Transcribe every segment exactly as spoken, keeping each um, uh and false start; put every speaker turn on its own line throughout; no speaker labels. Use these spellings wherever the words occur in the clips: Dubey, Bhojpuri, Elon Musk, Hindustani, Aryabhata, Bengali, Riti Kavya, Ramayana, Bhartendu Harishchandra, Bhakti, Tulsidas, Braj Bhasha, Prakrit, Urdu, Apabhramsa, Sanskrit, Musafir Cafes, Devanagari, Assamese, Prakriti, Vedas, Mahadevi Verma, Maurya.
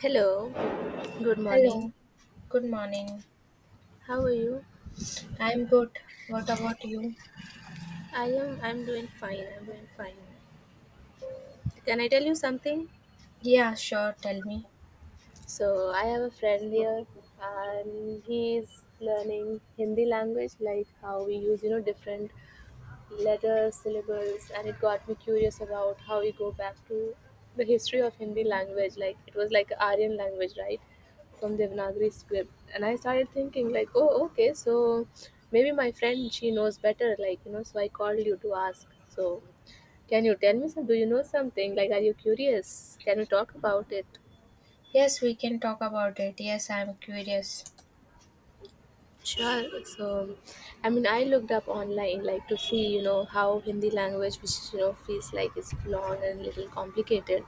Hello, good morning.
Hello, good morning.
How are you?
I'm good. What about you?
I am I'm doing fine. I'm doing fine. Can I tell you something?
Yeah, sure, tell me.
So I have a friend here and he is learning Hindi language like how we use, you know, different letters, syllables, and it got me curious about how we go back to the history of Hindi language. Like it was like Aryan language, right? From Devanagari script. And I started thinking like, oh, okay, so maybe my friend she knows better. Like you know, so I called you to ask. So can you tell me some? Do you know something? Like, are you curious? Can we talk about it?
Yes, we can talk about it. Yes, I'm curious.
Sure. So, I mean, I looked up online like to see, you know, how Hindi language, which you know feels like it's long and little complicated,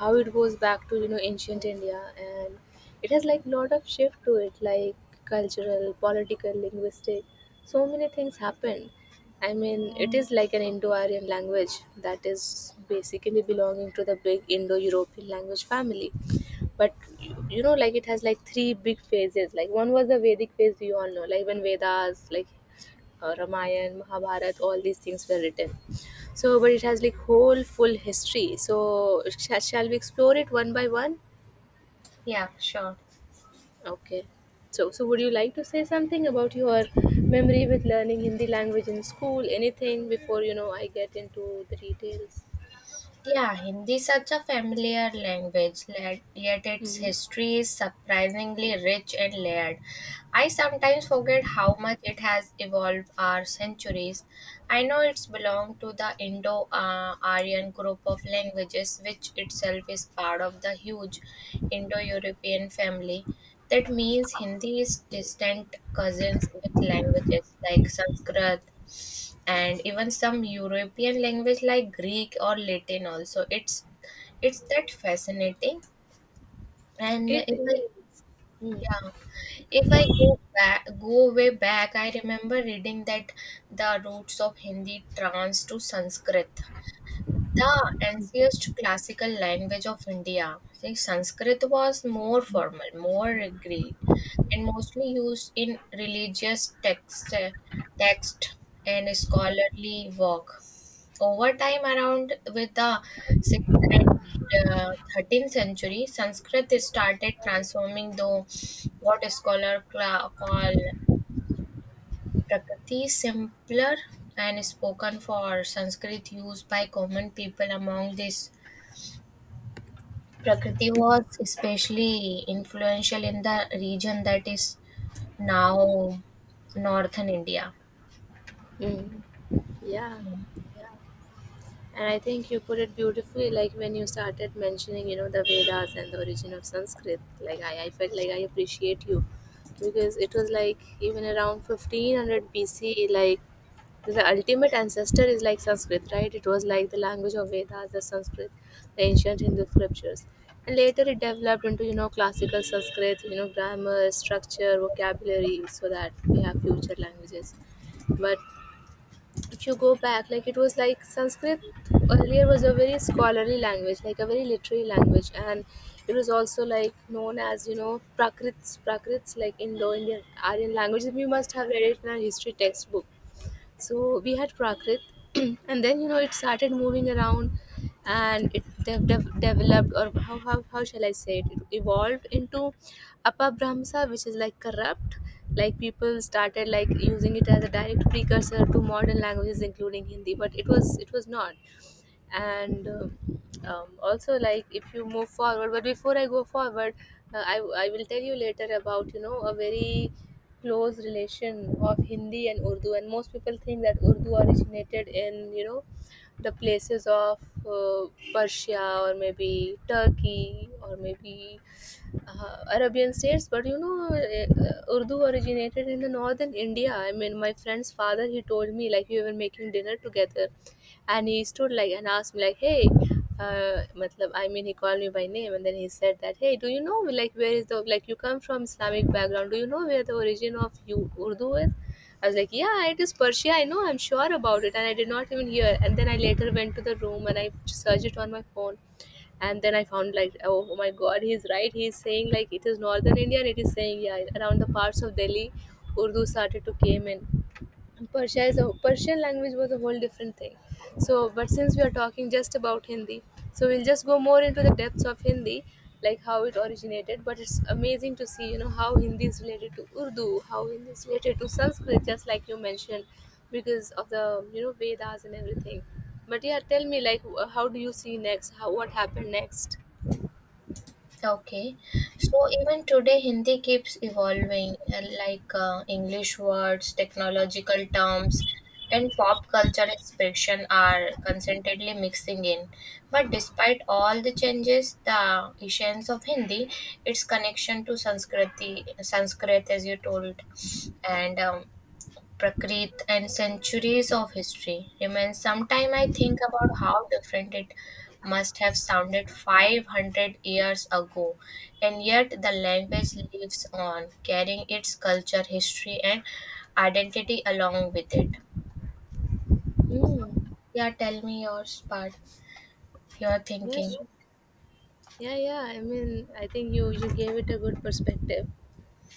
how it goes back to you know ancient India, and it has like lot of shift to it, like cultural, political, linguistic, so many things happen. I mean, it is like an Indo-Aryan language that is basically belonging to the big Indo-European language family but you, you know like it has like three big phases like one was the vedic phase you all know like when vedas like uh, ramayana mahabharat all these things were written so but it has like whole full history so sh- shall we explore it one by one
Yeah, sure.
okay so so would you like to say something about your memory with learning hindi language in school anything before you know I get into the details.
Yeah, Hindi is such a familiar language, le- yet its
Mhm.
history is surprisingly rich and layered. I sometimes forget how much it has evolved over centuries. I know it's belonged to the Indo uh, Aryan group of languages, which itself is part of the huge Indo European family. That means Hindi is distant cousins with languages like Sanskrit and even some European language like Greek or Latin also. It's it's that fascinating. And
It
if I
is. Mm.
yeah, if I go back go way back, I remember reading that the roots of Hindi trans to Sanskrit. The ancient classical language of India, say Sanskrit was more formal, more agreed, and mostly used in religious text, text and scholarly work. Over time, around with the sixth and uh, thirteenth century, Sanskrit started transforming the what scholar cla- call Prakati is simpler and spoken for Sanskrit used by common people among this. Prakriti was especially influential in the region that is now northern India.
Mm. Yeah, yeah, and I think you put it beautifully, like when you started mentioning, you know, the Vedas and the origin of Sanskrit. Like I, I felt like I appreciate you because it was like even around fifteen hundred B C, like the ultimate ancestor is like Sanskrit, right? It was like the language of Vedas, the Sanskrit, the ancient Hindu scriptures. And later it developed into, you know, classical Sanskrit, you know, grammar, structure, vocabulary, so that we have future languages. But if you go back like it was like sanskrit earlier was a very scholarly language like a very literary language and it was also like known as you know prakrits prakrits like indo-indian aryan languages we must have read it in our history textbook so we had Prakrit, and then you know it started moving around, and it dev- dev- developed or how how how shall I say it? It evolved into Apabhramsa, which is like corrupt. Like people started like using it as a direct precursor to modern languages, including Hindi, but it was it was not. And um, um, Also like if you move forward but before I go forward uh, I, I will tell you later about you know a very close relation of hindi and urdu and most people think that urdu originated in you know the places of uh, persia or maybe turkey or maybe uh, Arabian states, but you know, eh, uh, Urdu originated in the northern India. I mean, my friend's father he told me like we were making dinner together, and he stood like and asked me like, "Hey," uh, matlab, I mean, he called me by name, and then he said that, "Hey, do you know like where is the like you come from Islamic background? Do you know where the origin of you Urdu is?" I was like, yeah, it is Persia. I know, I'm sure about it. And I did not even hear. And then I later went to the room and I searched it on my phone and then I found like oh, oh my god he's right he's saying like it is northern india and it is saying yeah around the parts of delhi urdu started to came in and Persia is a Persian language was a whole different thing. So, but since we are talking just about Hindi, so we'll just go more into the depths of Hindi, like how it originated. But it's amazing to see, you know, how Hindi is related to Urdu, how Hindi is related to Sanskrit, just like you mentioned, because of the you know Vedas and everything. But yeah, tell me, like, wh- how do you see next? How what happened next?
Okay, so even today, Hindi keeps evolving, uh, like uh, English words, technological terms, and pop culture expression are constantly mixing in. But despite all the changes, the essence of Hindi, its connection to Sanskriti, Sanskrit, as you told, and um, Prakrit and centuries of history remain. Sometime I think about how different it must have sounded five hundred years ago, and yet the language lives on, carrying its culture, history, and identity along with it.
Mm.
Yeah, tell me yours part, your thinking.
Yes. Yeah, yeah. I mean, I think you you gave it a good perspective.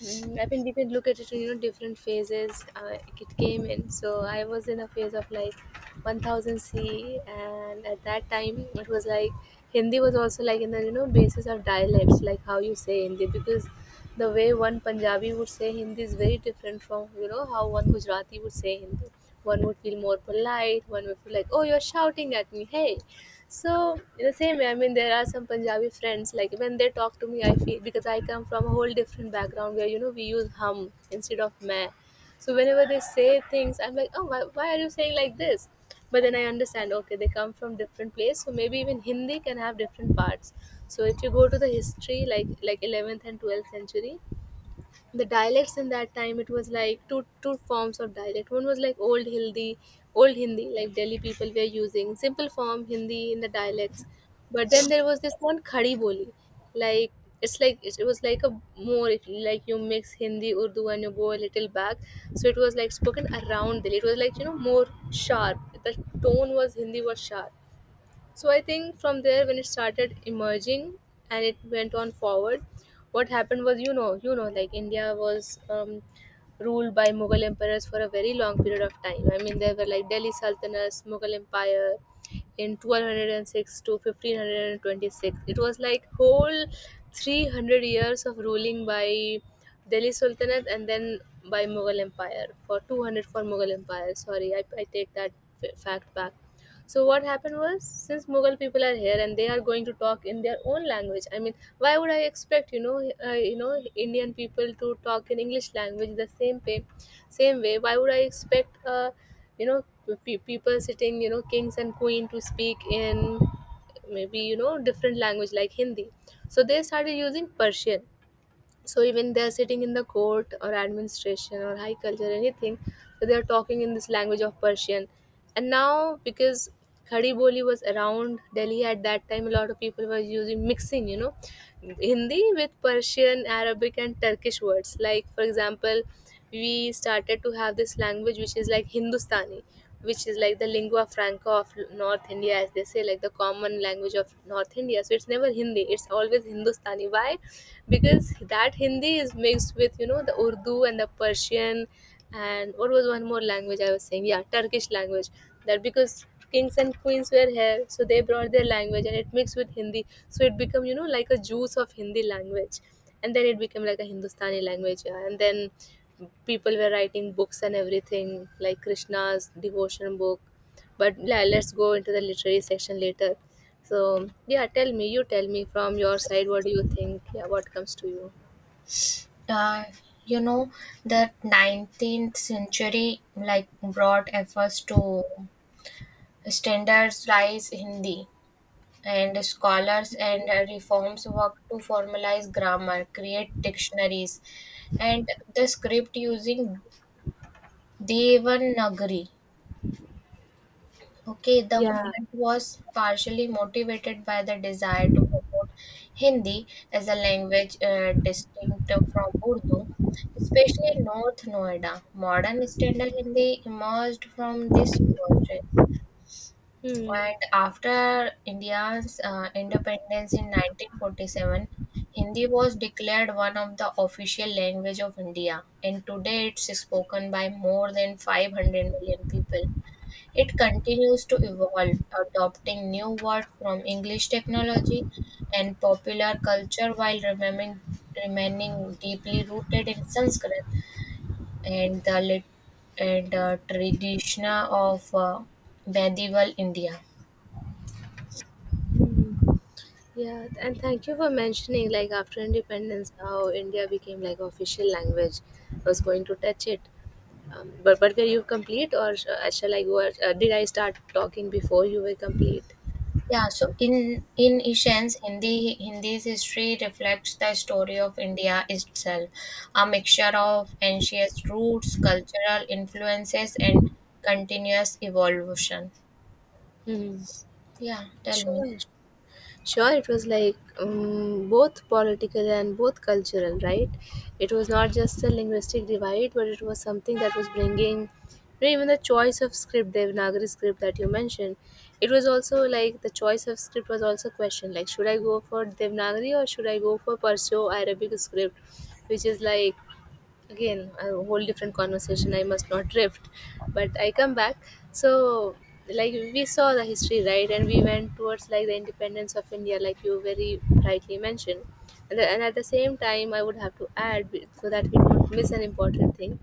Mm, I mean, we could look at it in you know different phases. Uh, it came in, so I was in a phase of like one thousand C, and at that time it was like Hindi was also like in the you know basis of dialects, like how you say Hindi, because the way one Punjabi would say Hindi is very different from you know how one Gujarati would say Hindi. One would feel more polite. One would feel like, oh, you're shouting at me, hey. So in the same way, I mean, there are some Punjabi friends like when they talk to me, I feel because I come from a whole different background where you know we use hum instead of meh. So whenever they say things, I'm like, oh, why, why are you saying like this? But then I understand, okay, they come from different place, so maybe even Hindi can have different parts. So if you go to the history, like like eleventh and twelfth century, the dialects in that time it was like two two forms of dialect one was like old hindi old hindi like delhi people were using simple form hindi in the dialects but then there was this one khadi boli like it's like it it was like a more if you- like you mix hindi urdu and you go a little back so it was like spoken around delhi it was like you know more sharp the tone was hindi was sharp so I think from there when it started emerging and it went on forward, what happened was you know you know like India was um, ruled by Mughal emperors for a very long period of time. I mean there were like Delhi Sultanate, Mughal Empire in one thousand two hundred six to one thousand five hundred twenty-six. It was like whole three hundred years of ruling by Delhi Sultanate and then by Mughal Empire for two hundred for Mughal Empire. Sorry, I, I take that f- fact back. So what happened was, since Mughal people are here and they are going to talk in their own language, I mean, why would I expect you know uh, you know Indian people to talk in English language the same way, same way? Why would I expect uh, you know pe- people sitting you know kings and queen to speak in maybe you know different language like Hindi? So they started using Persian so even they're sitting in the court or administration or high culture anything so they're talking in this language of persian and now because khadi boli was around delhi at that time a lot of people were using mixing you know hindi with persian arabic and turkish words like for example we started to have this language which is like hindustani which is like the lingua franca of north india as they say like the common language of north india so it's never hindi it's always hindustani why because that Hindi is mixed with you know the Urdu and the Persian and what was one more language I was saying yeah Turkish language that because kings and queens were here so they brought their language and it mixed with Hindi so it become you know like a juice of Hindi language and then it became like a Hindustani language yeah and then people were writing books and everything like Krishna's devotion book but yeah, let's go into the literary section later. So yeah, tell me, you tell me from your side, what do you think? Yeah, what comes to you?
Uh, you know, the nineteenth century like brought efforts to standardize Hindi and scholars and uh, reforms work to formalize grammar, create dictionaries, and the script using Devanagari. Okay, the
Yeah.
movement was partially motivated by the desire to promote Hindi as a language uh, distinct from Urdu, especially in North Noida. Modern standard Hindi emerged from this process.
Hmm.
And after India's uh, independence in nineteen forty-seven, Hindi was declared one of the official language of India, and today it's spoken by more than five hundred million people. It continues to evolve, adopting new words from English technology and popular culture while remaining, remaining deeply rooted in Sanskrit and the lit- and uh, tradition of uh, medieval India.
Yeah, and thank you for mentioning like after independence how India became like official language. I was going to touch it. Um, but but were you complete or sh- uh, shall I go? Uh, did I start talking before you were complete?
Yeah, so in in essence, Hindi Hindi's history reflects the story of India itself, a mixture of ancient roots, cultural influences, and continuous evolution.
Hmm.
Yeah, tell me.
Sure. Sure. It was like um, both political and both cultural, right? It was not just a linguistic divide, but it was something that was bringing, you know, even the choice of script, the Nagari script, that you mentioned. It was also like the choice of script was also questioned, like should I go for devnagari or should I go for perso arabic script, which is like, again, a whole different conversation. I must not drift, but I come back. So, like, we saw the history, right, and we went towards like the independence of India, like you very rightly mentioned. And, the- and at the same time I would have to add be- so that we don't miss an important thing,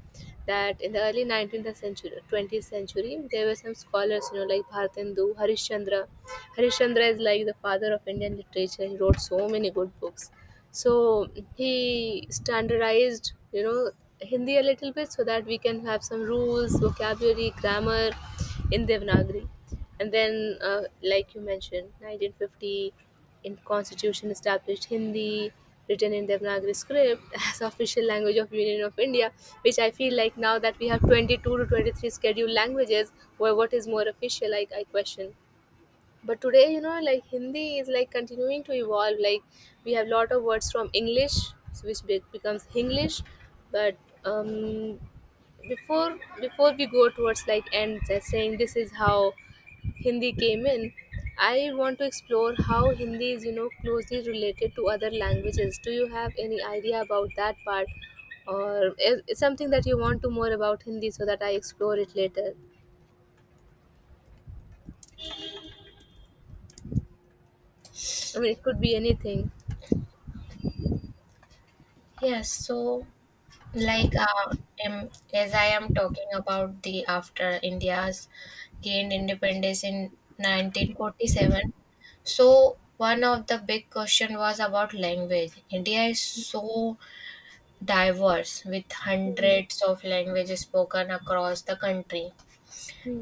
that in the early nineteenth century, twentieth century, there were some scholars, you know, like Bhartendu Harishchandra. Harishchandra is like the father of Indian literature. He wrote so many good books. So he standardized, you know, Hindi a little bit so that we can have some rules, vocabulary, grammar in devanagari. And then uh, like you mentioned, nineteen fifty, in constitution established Hindi, written in devanagari script as official language of union of India, which I feel like, now that we have twenty two to twenty three scheduled languages, where what is more official, like, I question. But today, you know, like Hindi is like continuing to evolve. Like, we have lot of words from English, which be- becomes English. But um before before we go towards like end, just saying this is how Hindi came in, I want to explore how Hindi is, you know, closely related to other languages. Do you have any idea about that part, or is is something that you want to more about Hindi so that I explore it later? I mean, it could be anything.
Yes, so like uh, um, as I am talking about the after India's gained independence in nineteen forty-seven, so one of the big question was about language. India is so diverse, with
Hmm.
hundreds of languages spoken across the country.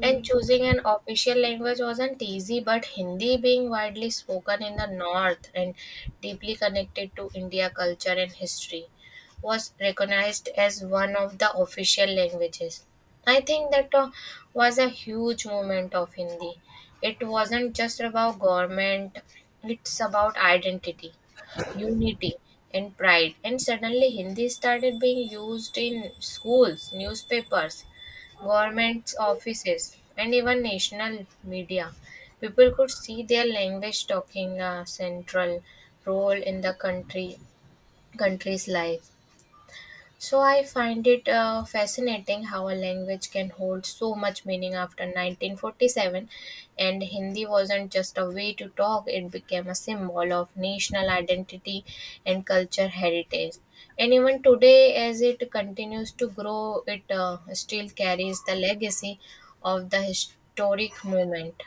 And choosing an official language wasn't easy, but Hindi being widely spoken in the north and deeply connected to India culture and history was recognized as one of the official languages. I think that uh, was a huge moment of Hindi. It wasn't just about government, it's about identity unity and pride and suddenly Hindi started being used in schools newspapers government offices, and even national media. People could see their language talking a central role in the country country's life. So I find it uh, fascinating how a language can hold so much meaning after nineteen forty-seven, and Hindi wasn't just a way to talk, it became a symbol of national identity and culture heritage. And even today, as it continues to grow, it uh, still carries the legacy of the historic moment.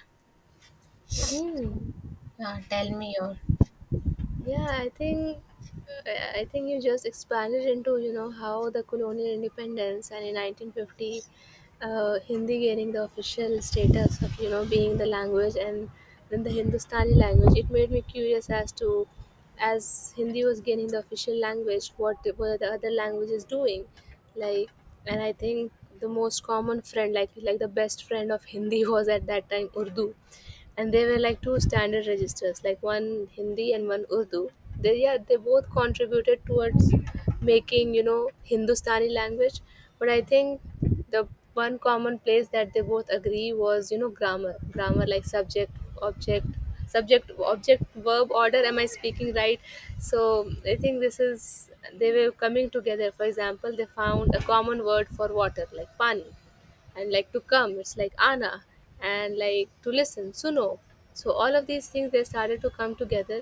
Hmm.
Uh, tell me your...
Yeah, I think, I I think you just expanded into, you know, how the colonial independence and in nineteen fifty, uh, Hindi gaining the official status of, you know, being the language, and then the Hindustani language. It made me curious as to, as Hindi was gaining the official language, what were the other languages doing? Like, and I think the most common friend, like like the best friend of Hindi, was at that time Urdu, and they were like two standard registers, like one Hindi and one Urdu. They, yeah, they both contributed towards making, you know, Hindustani language. But I think the one common place that they both agree was, you know, grammar. Grammar like subject, object, subject object verb order. Am I speaking right? So I think this is, they were coming together. For example, they found a common word for water, like pani, and like to come, it's like ana, and like to listen, suno. So all of these things, they started to come together.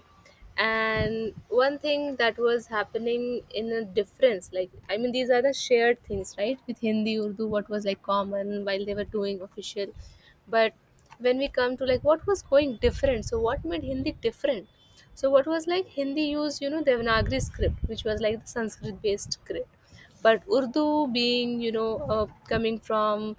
And one thing that was happening in a difference, like, I mean, these are the shared things, right, with Hindi Urdu, what was like common while they were doing official. But when we come to like what was going different, so what made Hindi different? So what was like Hindi used, you know, devanagari script, which was like the Sanskrit based. But Urdu, being, you know, uh, coming from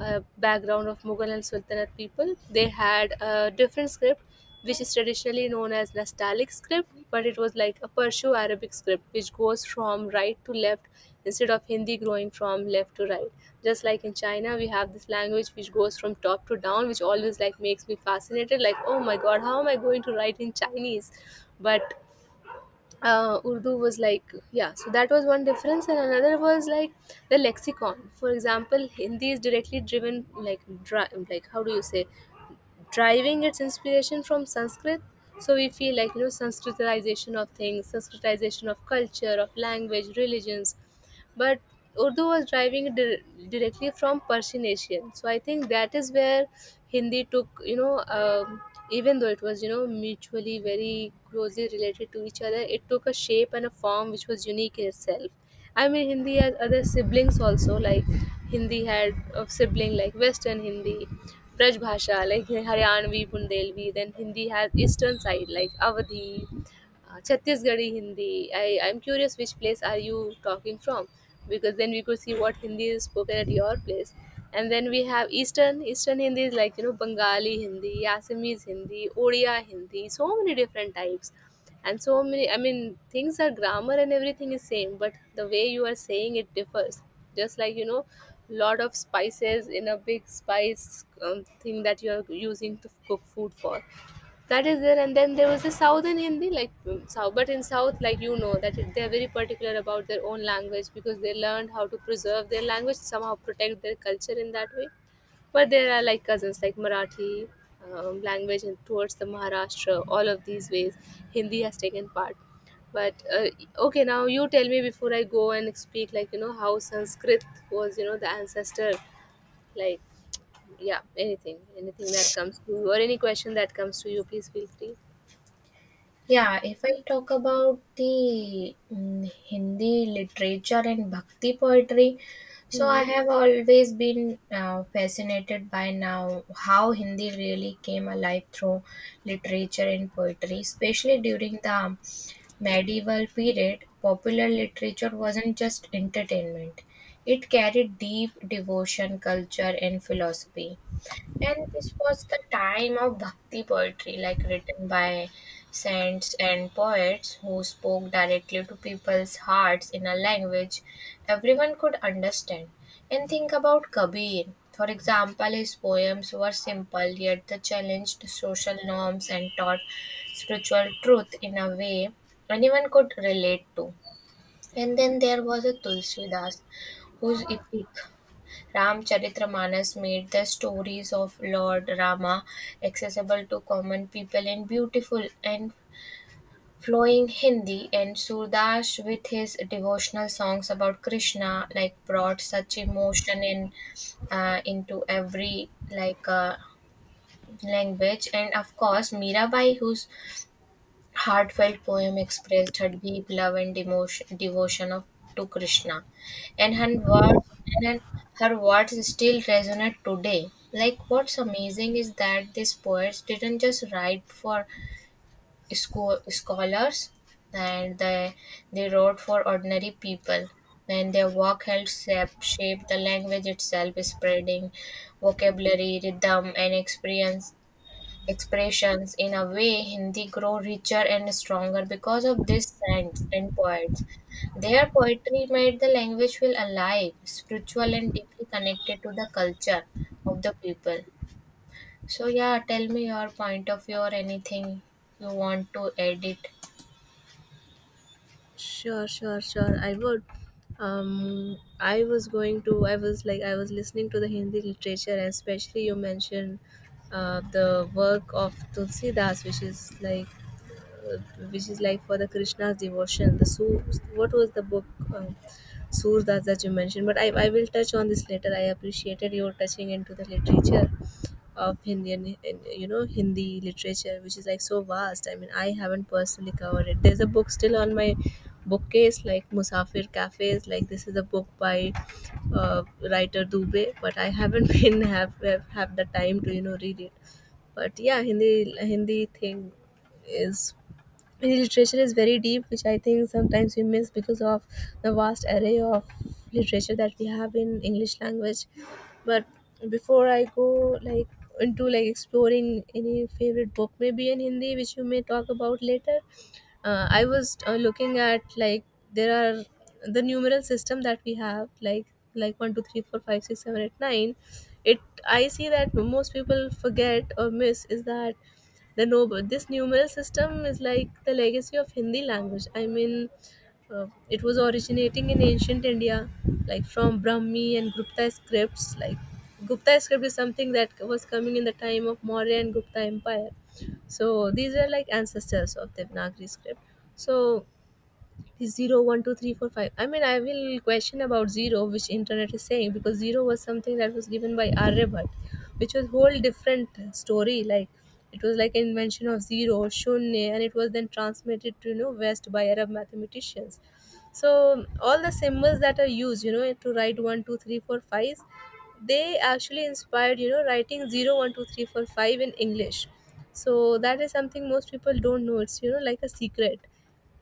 a background of Mughal and Sultanate people, they had a different script, which is traditionally known as Nastaliq script, but it was like a Perso-Arabic script, which goes from right to left, instead of Hindi growing from left to right. Just like in China, we have this language which goes from top to down, which always like makes me fascinated. Like, oh my god, how am I going to write in Chinese? But uh, Urdu was like, yeah, so that was one difference, and another was like the lexicon. For example, Hindi is directly driven, like, dri- like, how do you say, driving its inspiration from Sanskrit. So we feel like, you know, Sanskritization of things, Sanskritization of culture, of language, religions. But Urdu was driving dir- directly from Persian Asian. So I think that is where Hindi took, you know, um, even though it was, you know, mutually very closely related to each other, it took a shape and a form which was unique in itself. I mean, Hindi has other siblings also, like, Hindi had a sibling like Western Hindi, Braj Bhasha, like Haryanvi, Bundelvi. Then Hindi has Eastern side, like Avadhi, uh, Chhattisgarhi Hindi. I, I'm curious which place are you talking from, because then we could see what Hindi is spoken at your place. And then we have Eastern. Eastern Hindi is like, you know, Bengali Hindi, Assamese Hindi, Odia Hindi, so many different types. And so many, I mean, things are grammar and everything is same, but the way you are saying it differs. Just like, you know, lot of spices in a big spice um, thing that you are using to cook food for. That is there. And then there was a southern Hindi, like, um, south. But in south, like, you know, that it- they are very particular about their own language, because they learned how to preserve their language, somehow protect their culture in that way. But there are like cousins, like Marathi, um, language, and towards the Maharashtra, all of these ways Hindi has taken part. But uh, okay, now you tell me, before I go and speak, like, you know, how Sanskrit was, you know, the ancestor, like, yeah, anything, anything that comes to you, or any question that comes to you, please feel free.
Yeah, if I talk about the mm, Hindi literature and Bhakti poetry, so I
Hmm.
have always been uh, fascinated by now how Hindi really came alive through literature and poetry, especially during the medieval period. Popular literature wasn't just entertainment; it carried deep devotion, culture, and philosophy. And this was the time of bhakti poetry, like written by saints and poets who spoke directly to people's hearts in a language everyone could understand. And think about Kabir. For example, his poems were simple yet they challenged social norms and taught spiritual truth in a way anyone could relate to. And then there was a Tulsidas whose epic Ramcharitramanas made the stories of Lord Rama accessible to common people in beautiful and flowing Hindi, and Surdas with his devotional songs about Krishna like brought such emotion in uh, into every like uh, language and of course Mirabai whose heartfelt poem expressed her deep love and demotion, devotion of, to Krishna, and her words and her her words still resonate today. Like what's amazing is that these poets didn't just write for school, scholars, and they they wrote for ordinary people. And their work helped shape, shape the language itself, spreading vocabulary, rhythm, and experience expressions. In a way, Hindi grew richer and stronger because of these saints and poets. Their poetry made the language feel alive, spiritual, and deeply connected to the culture of the people. So, yeah, tell me your point of view or anything you want to add it.
Sure, sure, sure. I would. Um, I was going to. I was like, I was listening to the Hindi literature, and especially you mentioned uh, the work of Tulsi Das, which is like, uh, which is like for the Krishna's devotion. The Su- what was the book? Um, Surdas that you mentioned. But I, I will touch on this later. I appreciated your touching into the literature of Indian, you know, Hindi literature, which is like so vast. I mean, I haven't personally covered it. There's a book still on my bookcase, like Musafir Cafes. Like, this is a book by uh, writer Dubey, but I haven't been have, have have the time to, you know, read it. But yeah, Hindi Hindi thing is, literature is very deep, which I think sometimes we miss because of the vast array of literature that we have in English language. But before I go like into like exploring any favorite book, maybe in Hindi, which you may talk about later, uh, I was uh, looking at, like, there are the numeral system that we have, like like one two three four five six seven eight nine. It, I see that most people forget or miss, is that the noble, this numeral system is like the legacy of Hindi language. I mean, uh, it was originating in ancient India, like from Brahmi and Gupta scripts. Like, Gupta script is something that was coming in the time of Maurya and Gupta empire. So these are like ancestors of devanagari script. So zero one two three four five. I mean, I will question about zero, which internet is saying, because zero was something that was given by Aryabhat, which was whole different story. Like, it was like an invention of zero shunya, and it was then transmitted to, you know, west by Arab mathematicians. So all the symbols that are used, you know, to write one two three four five, they actually inspired, you know, writing zero one two three four five in English. So that is something most people don't know. It's, you know, like a secret.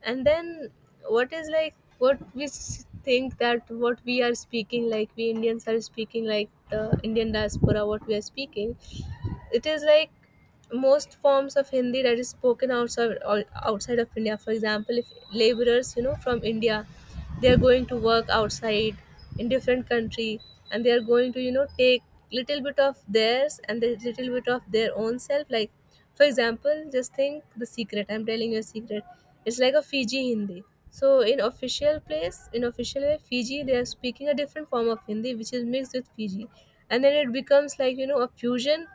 And then, what is like what we s- think that what we are speaking, like we Indians are speaking, like the Indian diaspora, what we are speaking, it is like most forms of Hindi that is spoken outside ou- outside of India. For example, if laborers, you know, from India, they are going to work outside in different country, and they are going to, you know, take little bit of theirs and the little bit of their own self. Like, for example, just think, the secret, I'm telling you a secret. It's like a Fiji Hindi. So in official place, in official way, Fiji, they are speaking a different form of Hindi which is mixed with Fiji, and then it becomes like, you know, a fusion.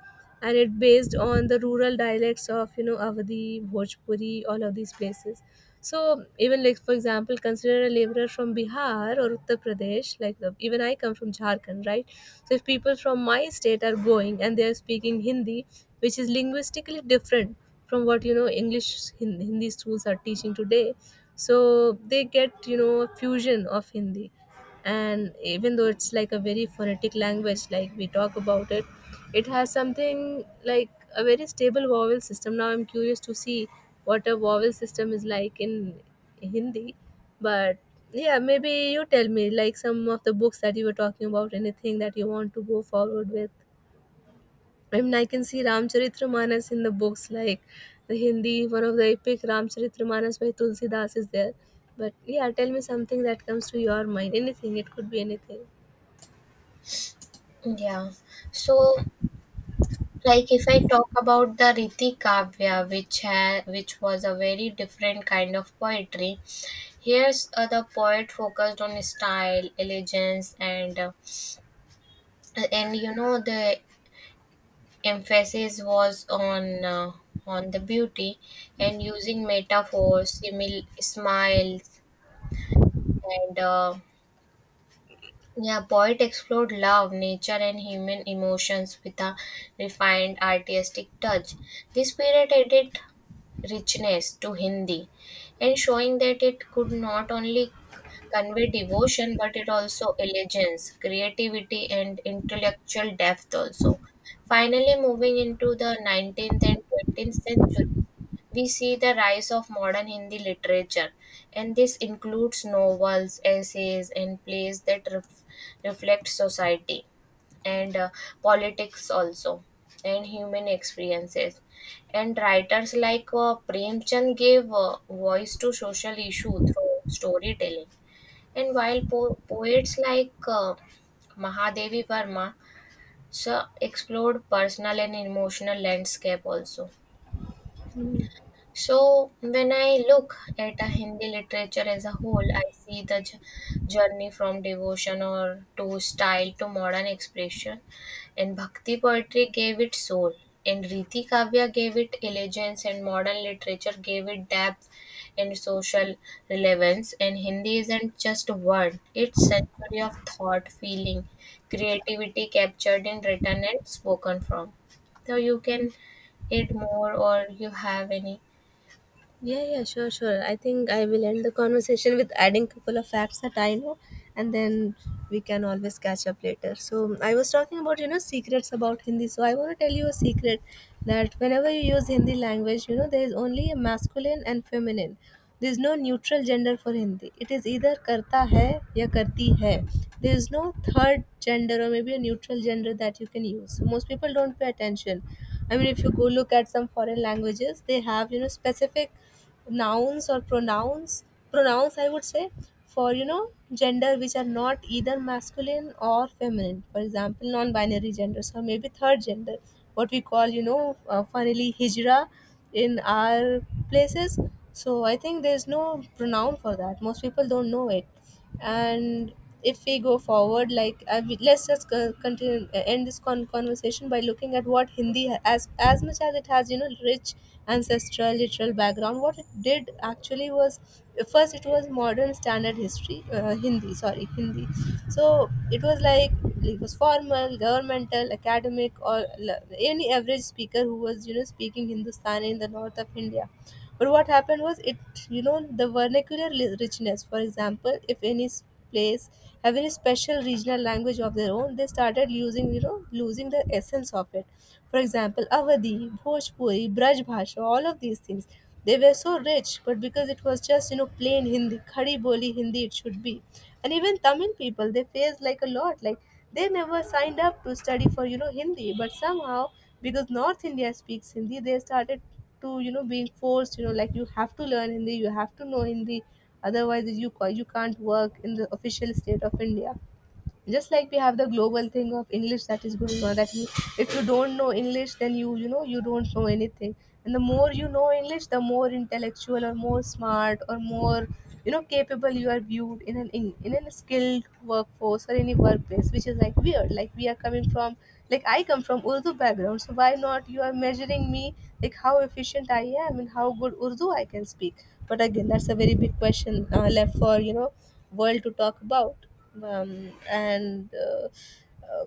And it based on the rural dialects of, you know, Avadi, Bhojpuri, all of these places. So even like, for example, consider a laborer from Bihar or Uttar Pradesh. Like the, even I come from Jharkhand, right? So if people from my state are going and they are speaking Hindi, which is linguistically different from what, you know, English Hin- Hindi schools are teaching today, so they get, you know, a fusion of Hindi. And even though it's like a very phonetic language, like we talk about it, it has something like a very stable vowel system. Now I'm curious to see what a vowel system is like in Hindi. But yeah, maybe you tell me, like, some of the books that you were talking about, anything that you want to go forward with. I mean, I can see Ramcharitramanas in the books, like the Hindi, one of the epic Ramcharitramanas by Tulsidas is there. But yeah, tell me something that comes to your mind. Anything, it could be anything.
Yeah, so like if I talk about the Riti Kavya, which ha- which was a very different kind of poetry. Here's uh, the poet focused on style, elegance, and uh, and you know the emphasis was on uh, on the beauty and using metaphors, simil- smiles, and uh, yeah, poet explored love, nature, and human emotions with a refined artistic touch. This period added richness to Hindi and showing that it could not only convey devotion but it also elegance, creativity, and intellectual depth also. Finally, moving into the nineteenth and twentieth century, we see the rise of modern Hindi literature, and this includes novels, essays, and plays that ref- reflect society and uh, politics also and human experiences and writers like uh, Premchand gave uh, voice to social issue through storytelling and while po- poets like uh, Mahadevi Verma so explored personal and emotional landscape also so, when I look at a Hindi literature as a whole, I see the j- journey from devotion or to style to modern expression, and Bhakti poetry gave it soul, and Riti Kavya gave it elegance, and modern literature gave it depth and social relevance. And Hindi isn't just a word; it's century of thought, feeling, creativity captured in written and spoken form. So you can add more, or you have any...
Yeah, yeah, sure, sure. I think I will end the conversation with adding a couple of facts that I know, and then we can always catch up later. So I was talking about, you know, secrets about Hindi. So I want to tell you a secret that whenever you use Hindi language, you know there is only a masculine and feminine. There is no neutral gender for Hindi. It is either karta hai ya karti hai. There is no third gender or maybe a neutral gender that you can use. So most people don't pay attention. I mean, if you go look at some foreign languages, they have you know specific nouns or pronouns. Pronouns, I would say, for you know gender which are not either masculine or feminine. For example, non-binary genders or maybe third gender, what we call you know uh, funnily hijra in our places. So I think there's no pronoun for that, most people don't know it. And if we go forward, like I mean, let's just co- continue, end this con- conversation by looking at what Hindi ha- as as much as it has you know rich ancestral literal background. What it did actually was first it was modern standard history, uh, Hindi, sorry, Hindi. So it was like it was formal, governmental, academic, or l- any average speaker who was you know speaking Hindustani in the north of India. But what happened was it, you know, the vernacular li- richness, for example, if any place having a special regional language of their own, they started using, you know, losing the essence of it. For example, Avadi, Bhojpuri, Braj Bhasha, all of these things, they were so rich, but because it was just you know plain Hindi, Khadi Boli Hindi it should be. And even Tamil people, they faced like a lot, like they never signed up to study for you know Hindi, but somehow because north India speaks Hindi, they started to you know being forced, you know, like you have to learn Hindi, you have to know Hindi, otherwise you ca- you can't work in the official state of India. Just like we have the global thing of English that is going on, that you, if you don't know English, then you you know you don't know anything. And the more you know English, the more intellectual or more smart or more you know capable you are viewed in an in, in a skilled workforce or any workplace, which is like weird, like we are coming from, like I come from Urdu background, so why not you are measuring me like how efficient I am and how good Urdu I can speak. But again, that's a very big question uh, left for you know world to talk about. Um, and uh, uh,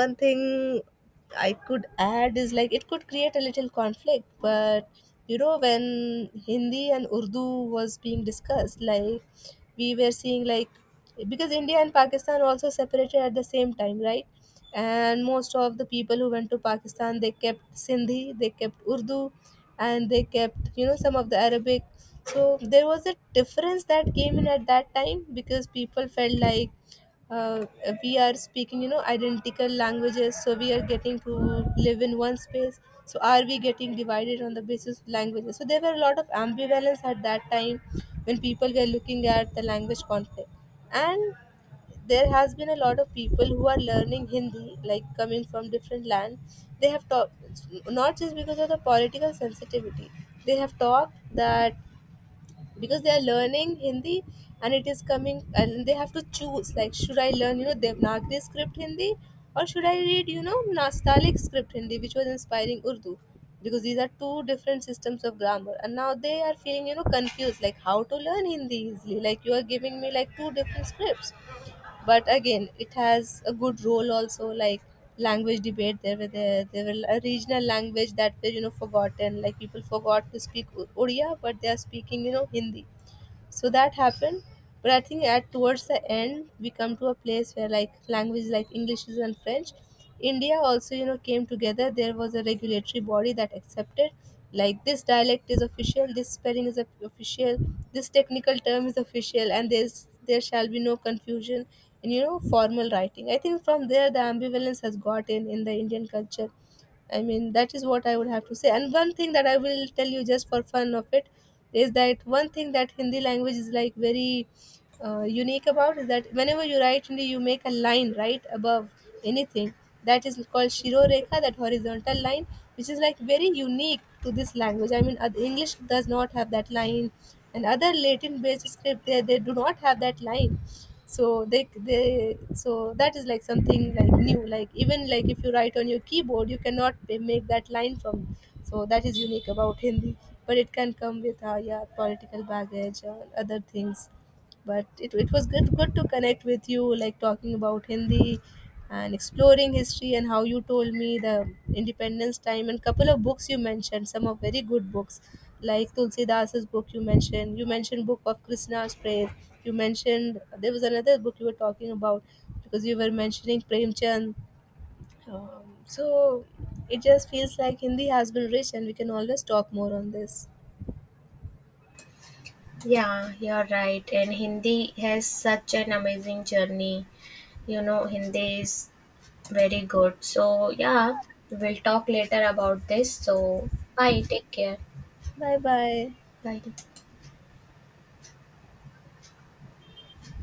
one thing I could add is like it could create a little conflict, but you know when Hindi and Urdu was being discussed, like we were seeing, like because India and Pakistan also separated at the same time, right? And most of the people who went to Pakistan, they kept Sindhi, they kept Urdu, and they kept you know some of the Arabic. So there was a difference that came in at that time because people felt like, uh, we are speaking you know identical languages, so we are getting to live in one space, so are we getting divided on the basis of languages? So there were a lot of ambivalence at that time when people were looking at the language conflict. And there has been a lot of people who are learning Hindi, like coming from different land, they have talked not just because of the political sensitivity, they have talked that because they are learning Hindi and it is coming and they have to choose, like should I learn you know Devanagari script Hindi, or should I read you know Nastaliq script Hindi, which was inspiring Urdu, because these are two different systems of grammar, and now they are feeling you know confused, like how to learn Hindi easily, like you are giving me like two different scripts. But again, it has a good role also, like language debate, there were there, there were a regional language that were you know forgotten, like people forgot to speak O- Odia, but they are speaking you know Hindi. So that happened. But I think at towards the end, we come to a place where like language, like English and French, India also you know came together, there was a regulatory body that accepted, like this dialect is official, this spelling is official, this technical term is official, and there's there shall be no confusion in you know formal writing. I think from there the ambivalence has got in in the Indian culture. I mean, that is what I would have to say. And one thing that I will tell you just for fun of it is that one thing that Hindi language is like very uh, unique about is that whenever you write Hindi, you make a line right above anything. That is called Shiro Rekha, that horizontal line, which is like very unique to this language. I mean, oth- English does not have that line, and other Latin based script, they, they do not have that line. So they they so that is like something like new, like even like if you write on your keyboard you cannot be- make that line from. So that is unique about Hindi, but it can come with uh, yeah, political baggage or other things. But it, it was good good to connect with you, like talking about Hindi and exploring history and how you told me the independence time and couple of books you mentioned, some of very good books, like Tulsidas's book you mentioned, you mentioned book of Krishna's praise, you mentioned there was another book you were talking about, because you were mentioning Premchand. Um, so it just feels like Hindi has been rich and we can always talk more on this.
Yeah, you're right. And Hindi has such an amazing journey. You know, Hindi is very good. So, yeah, we'll talk later about this. So, bye. Take care.
Bye bye
Bye.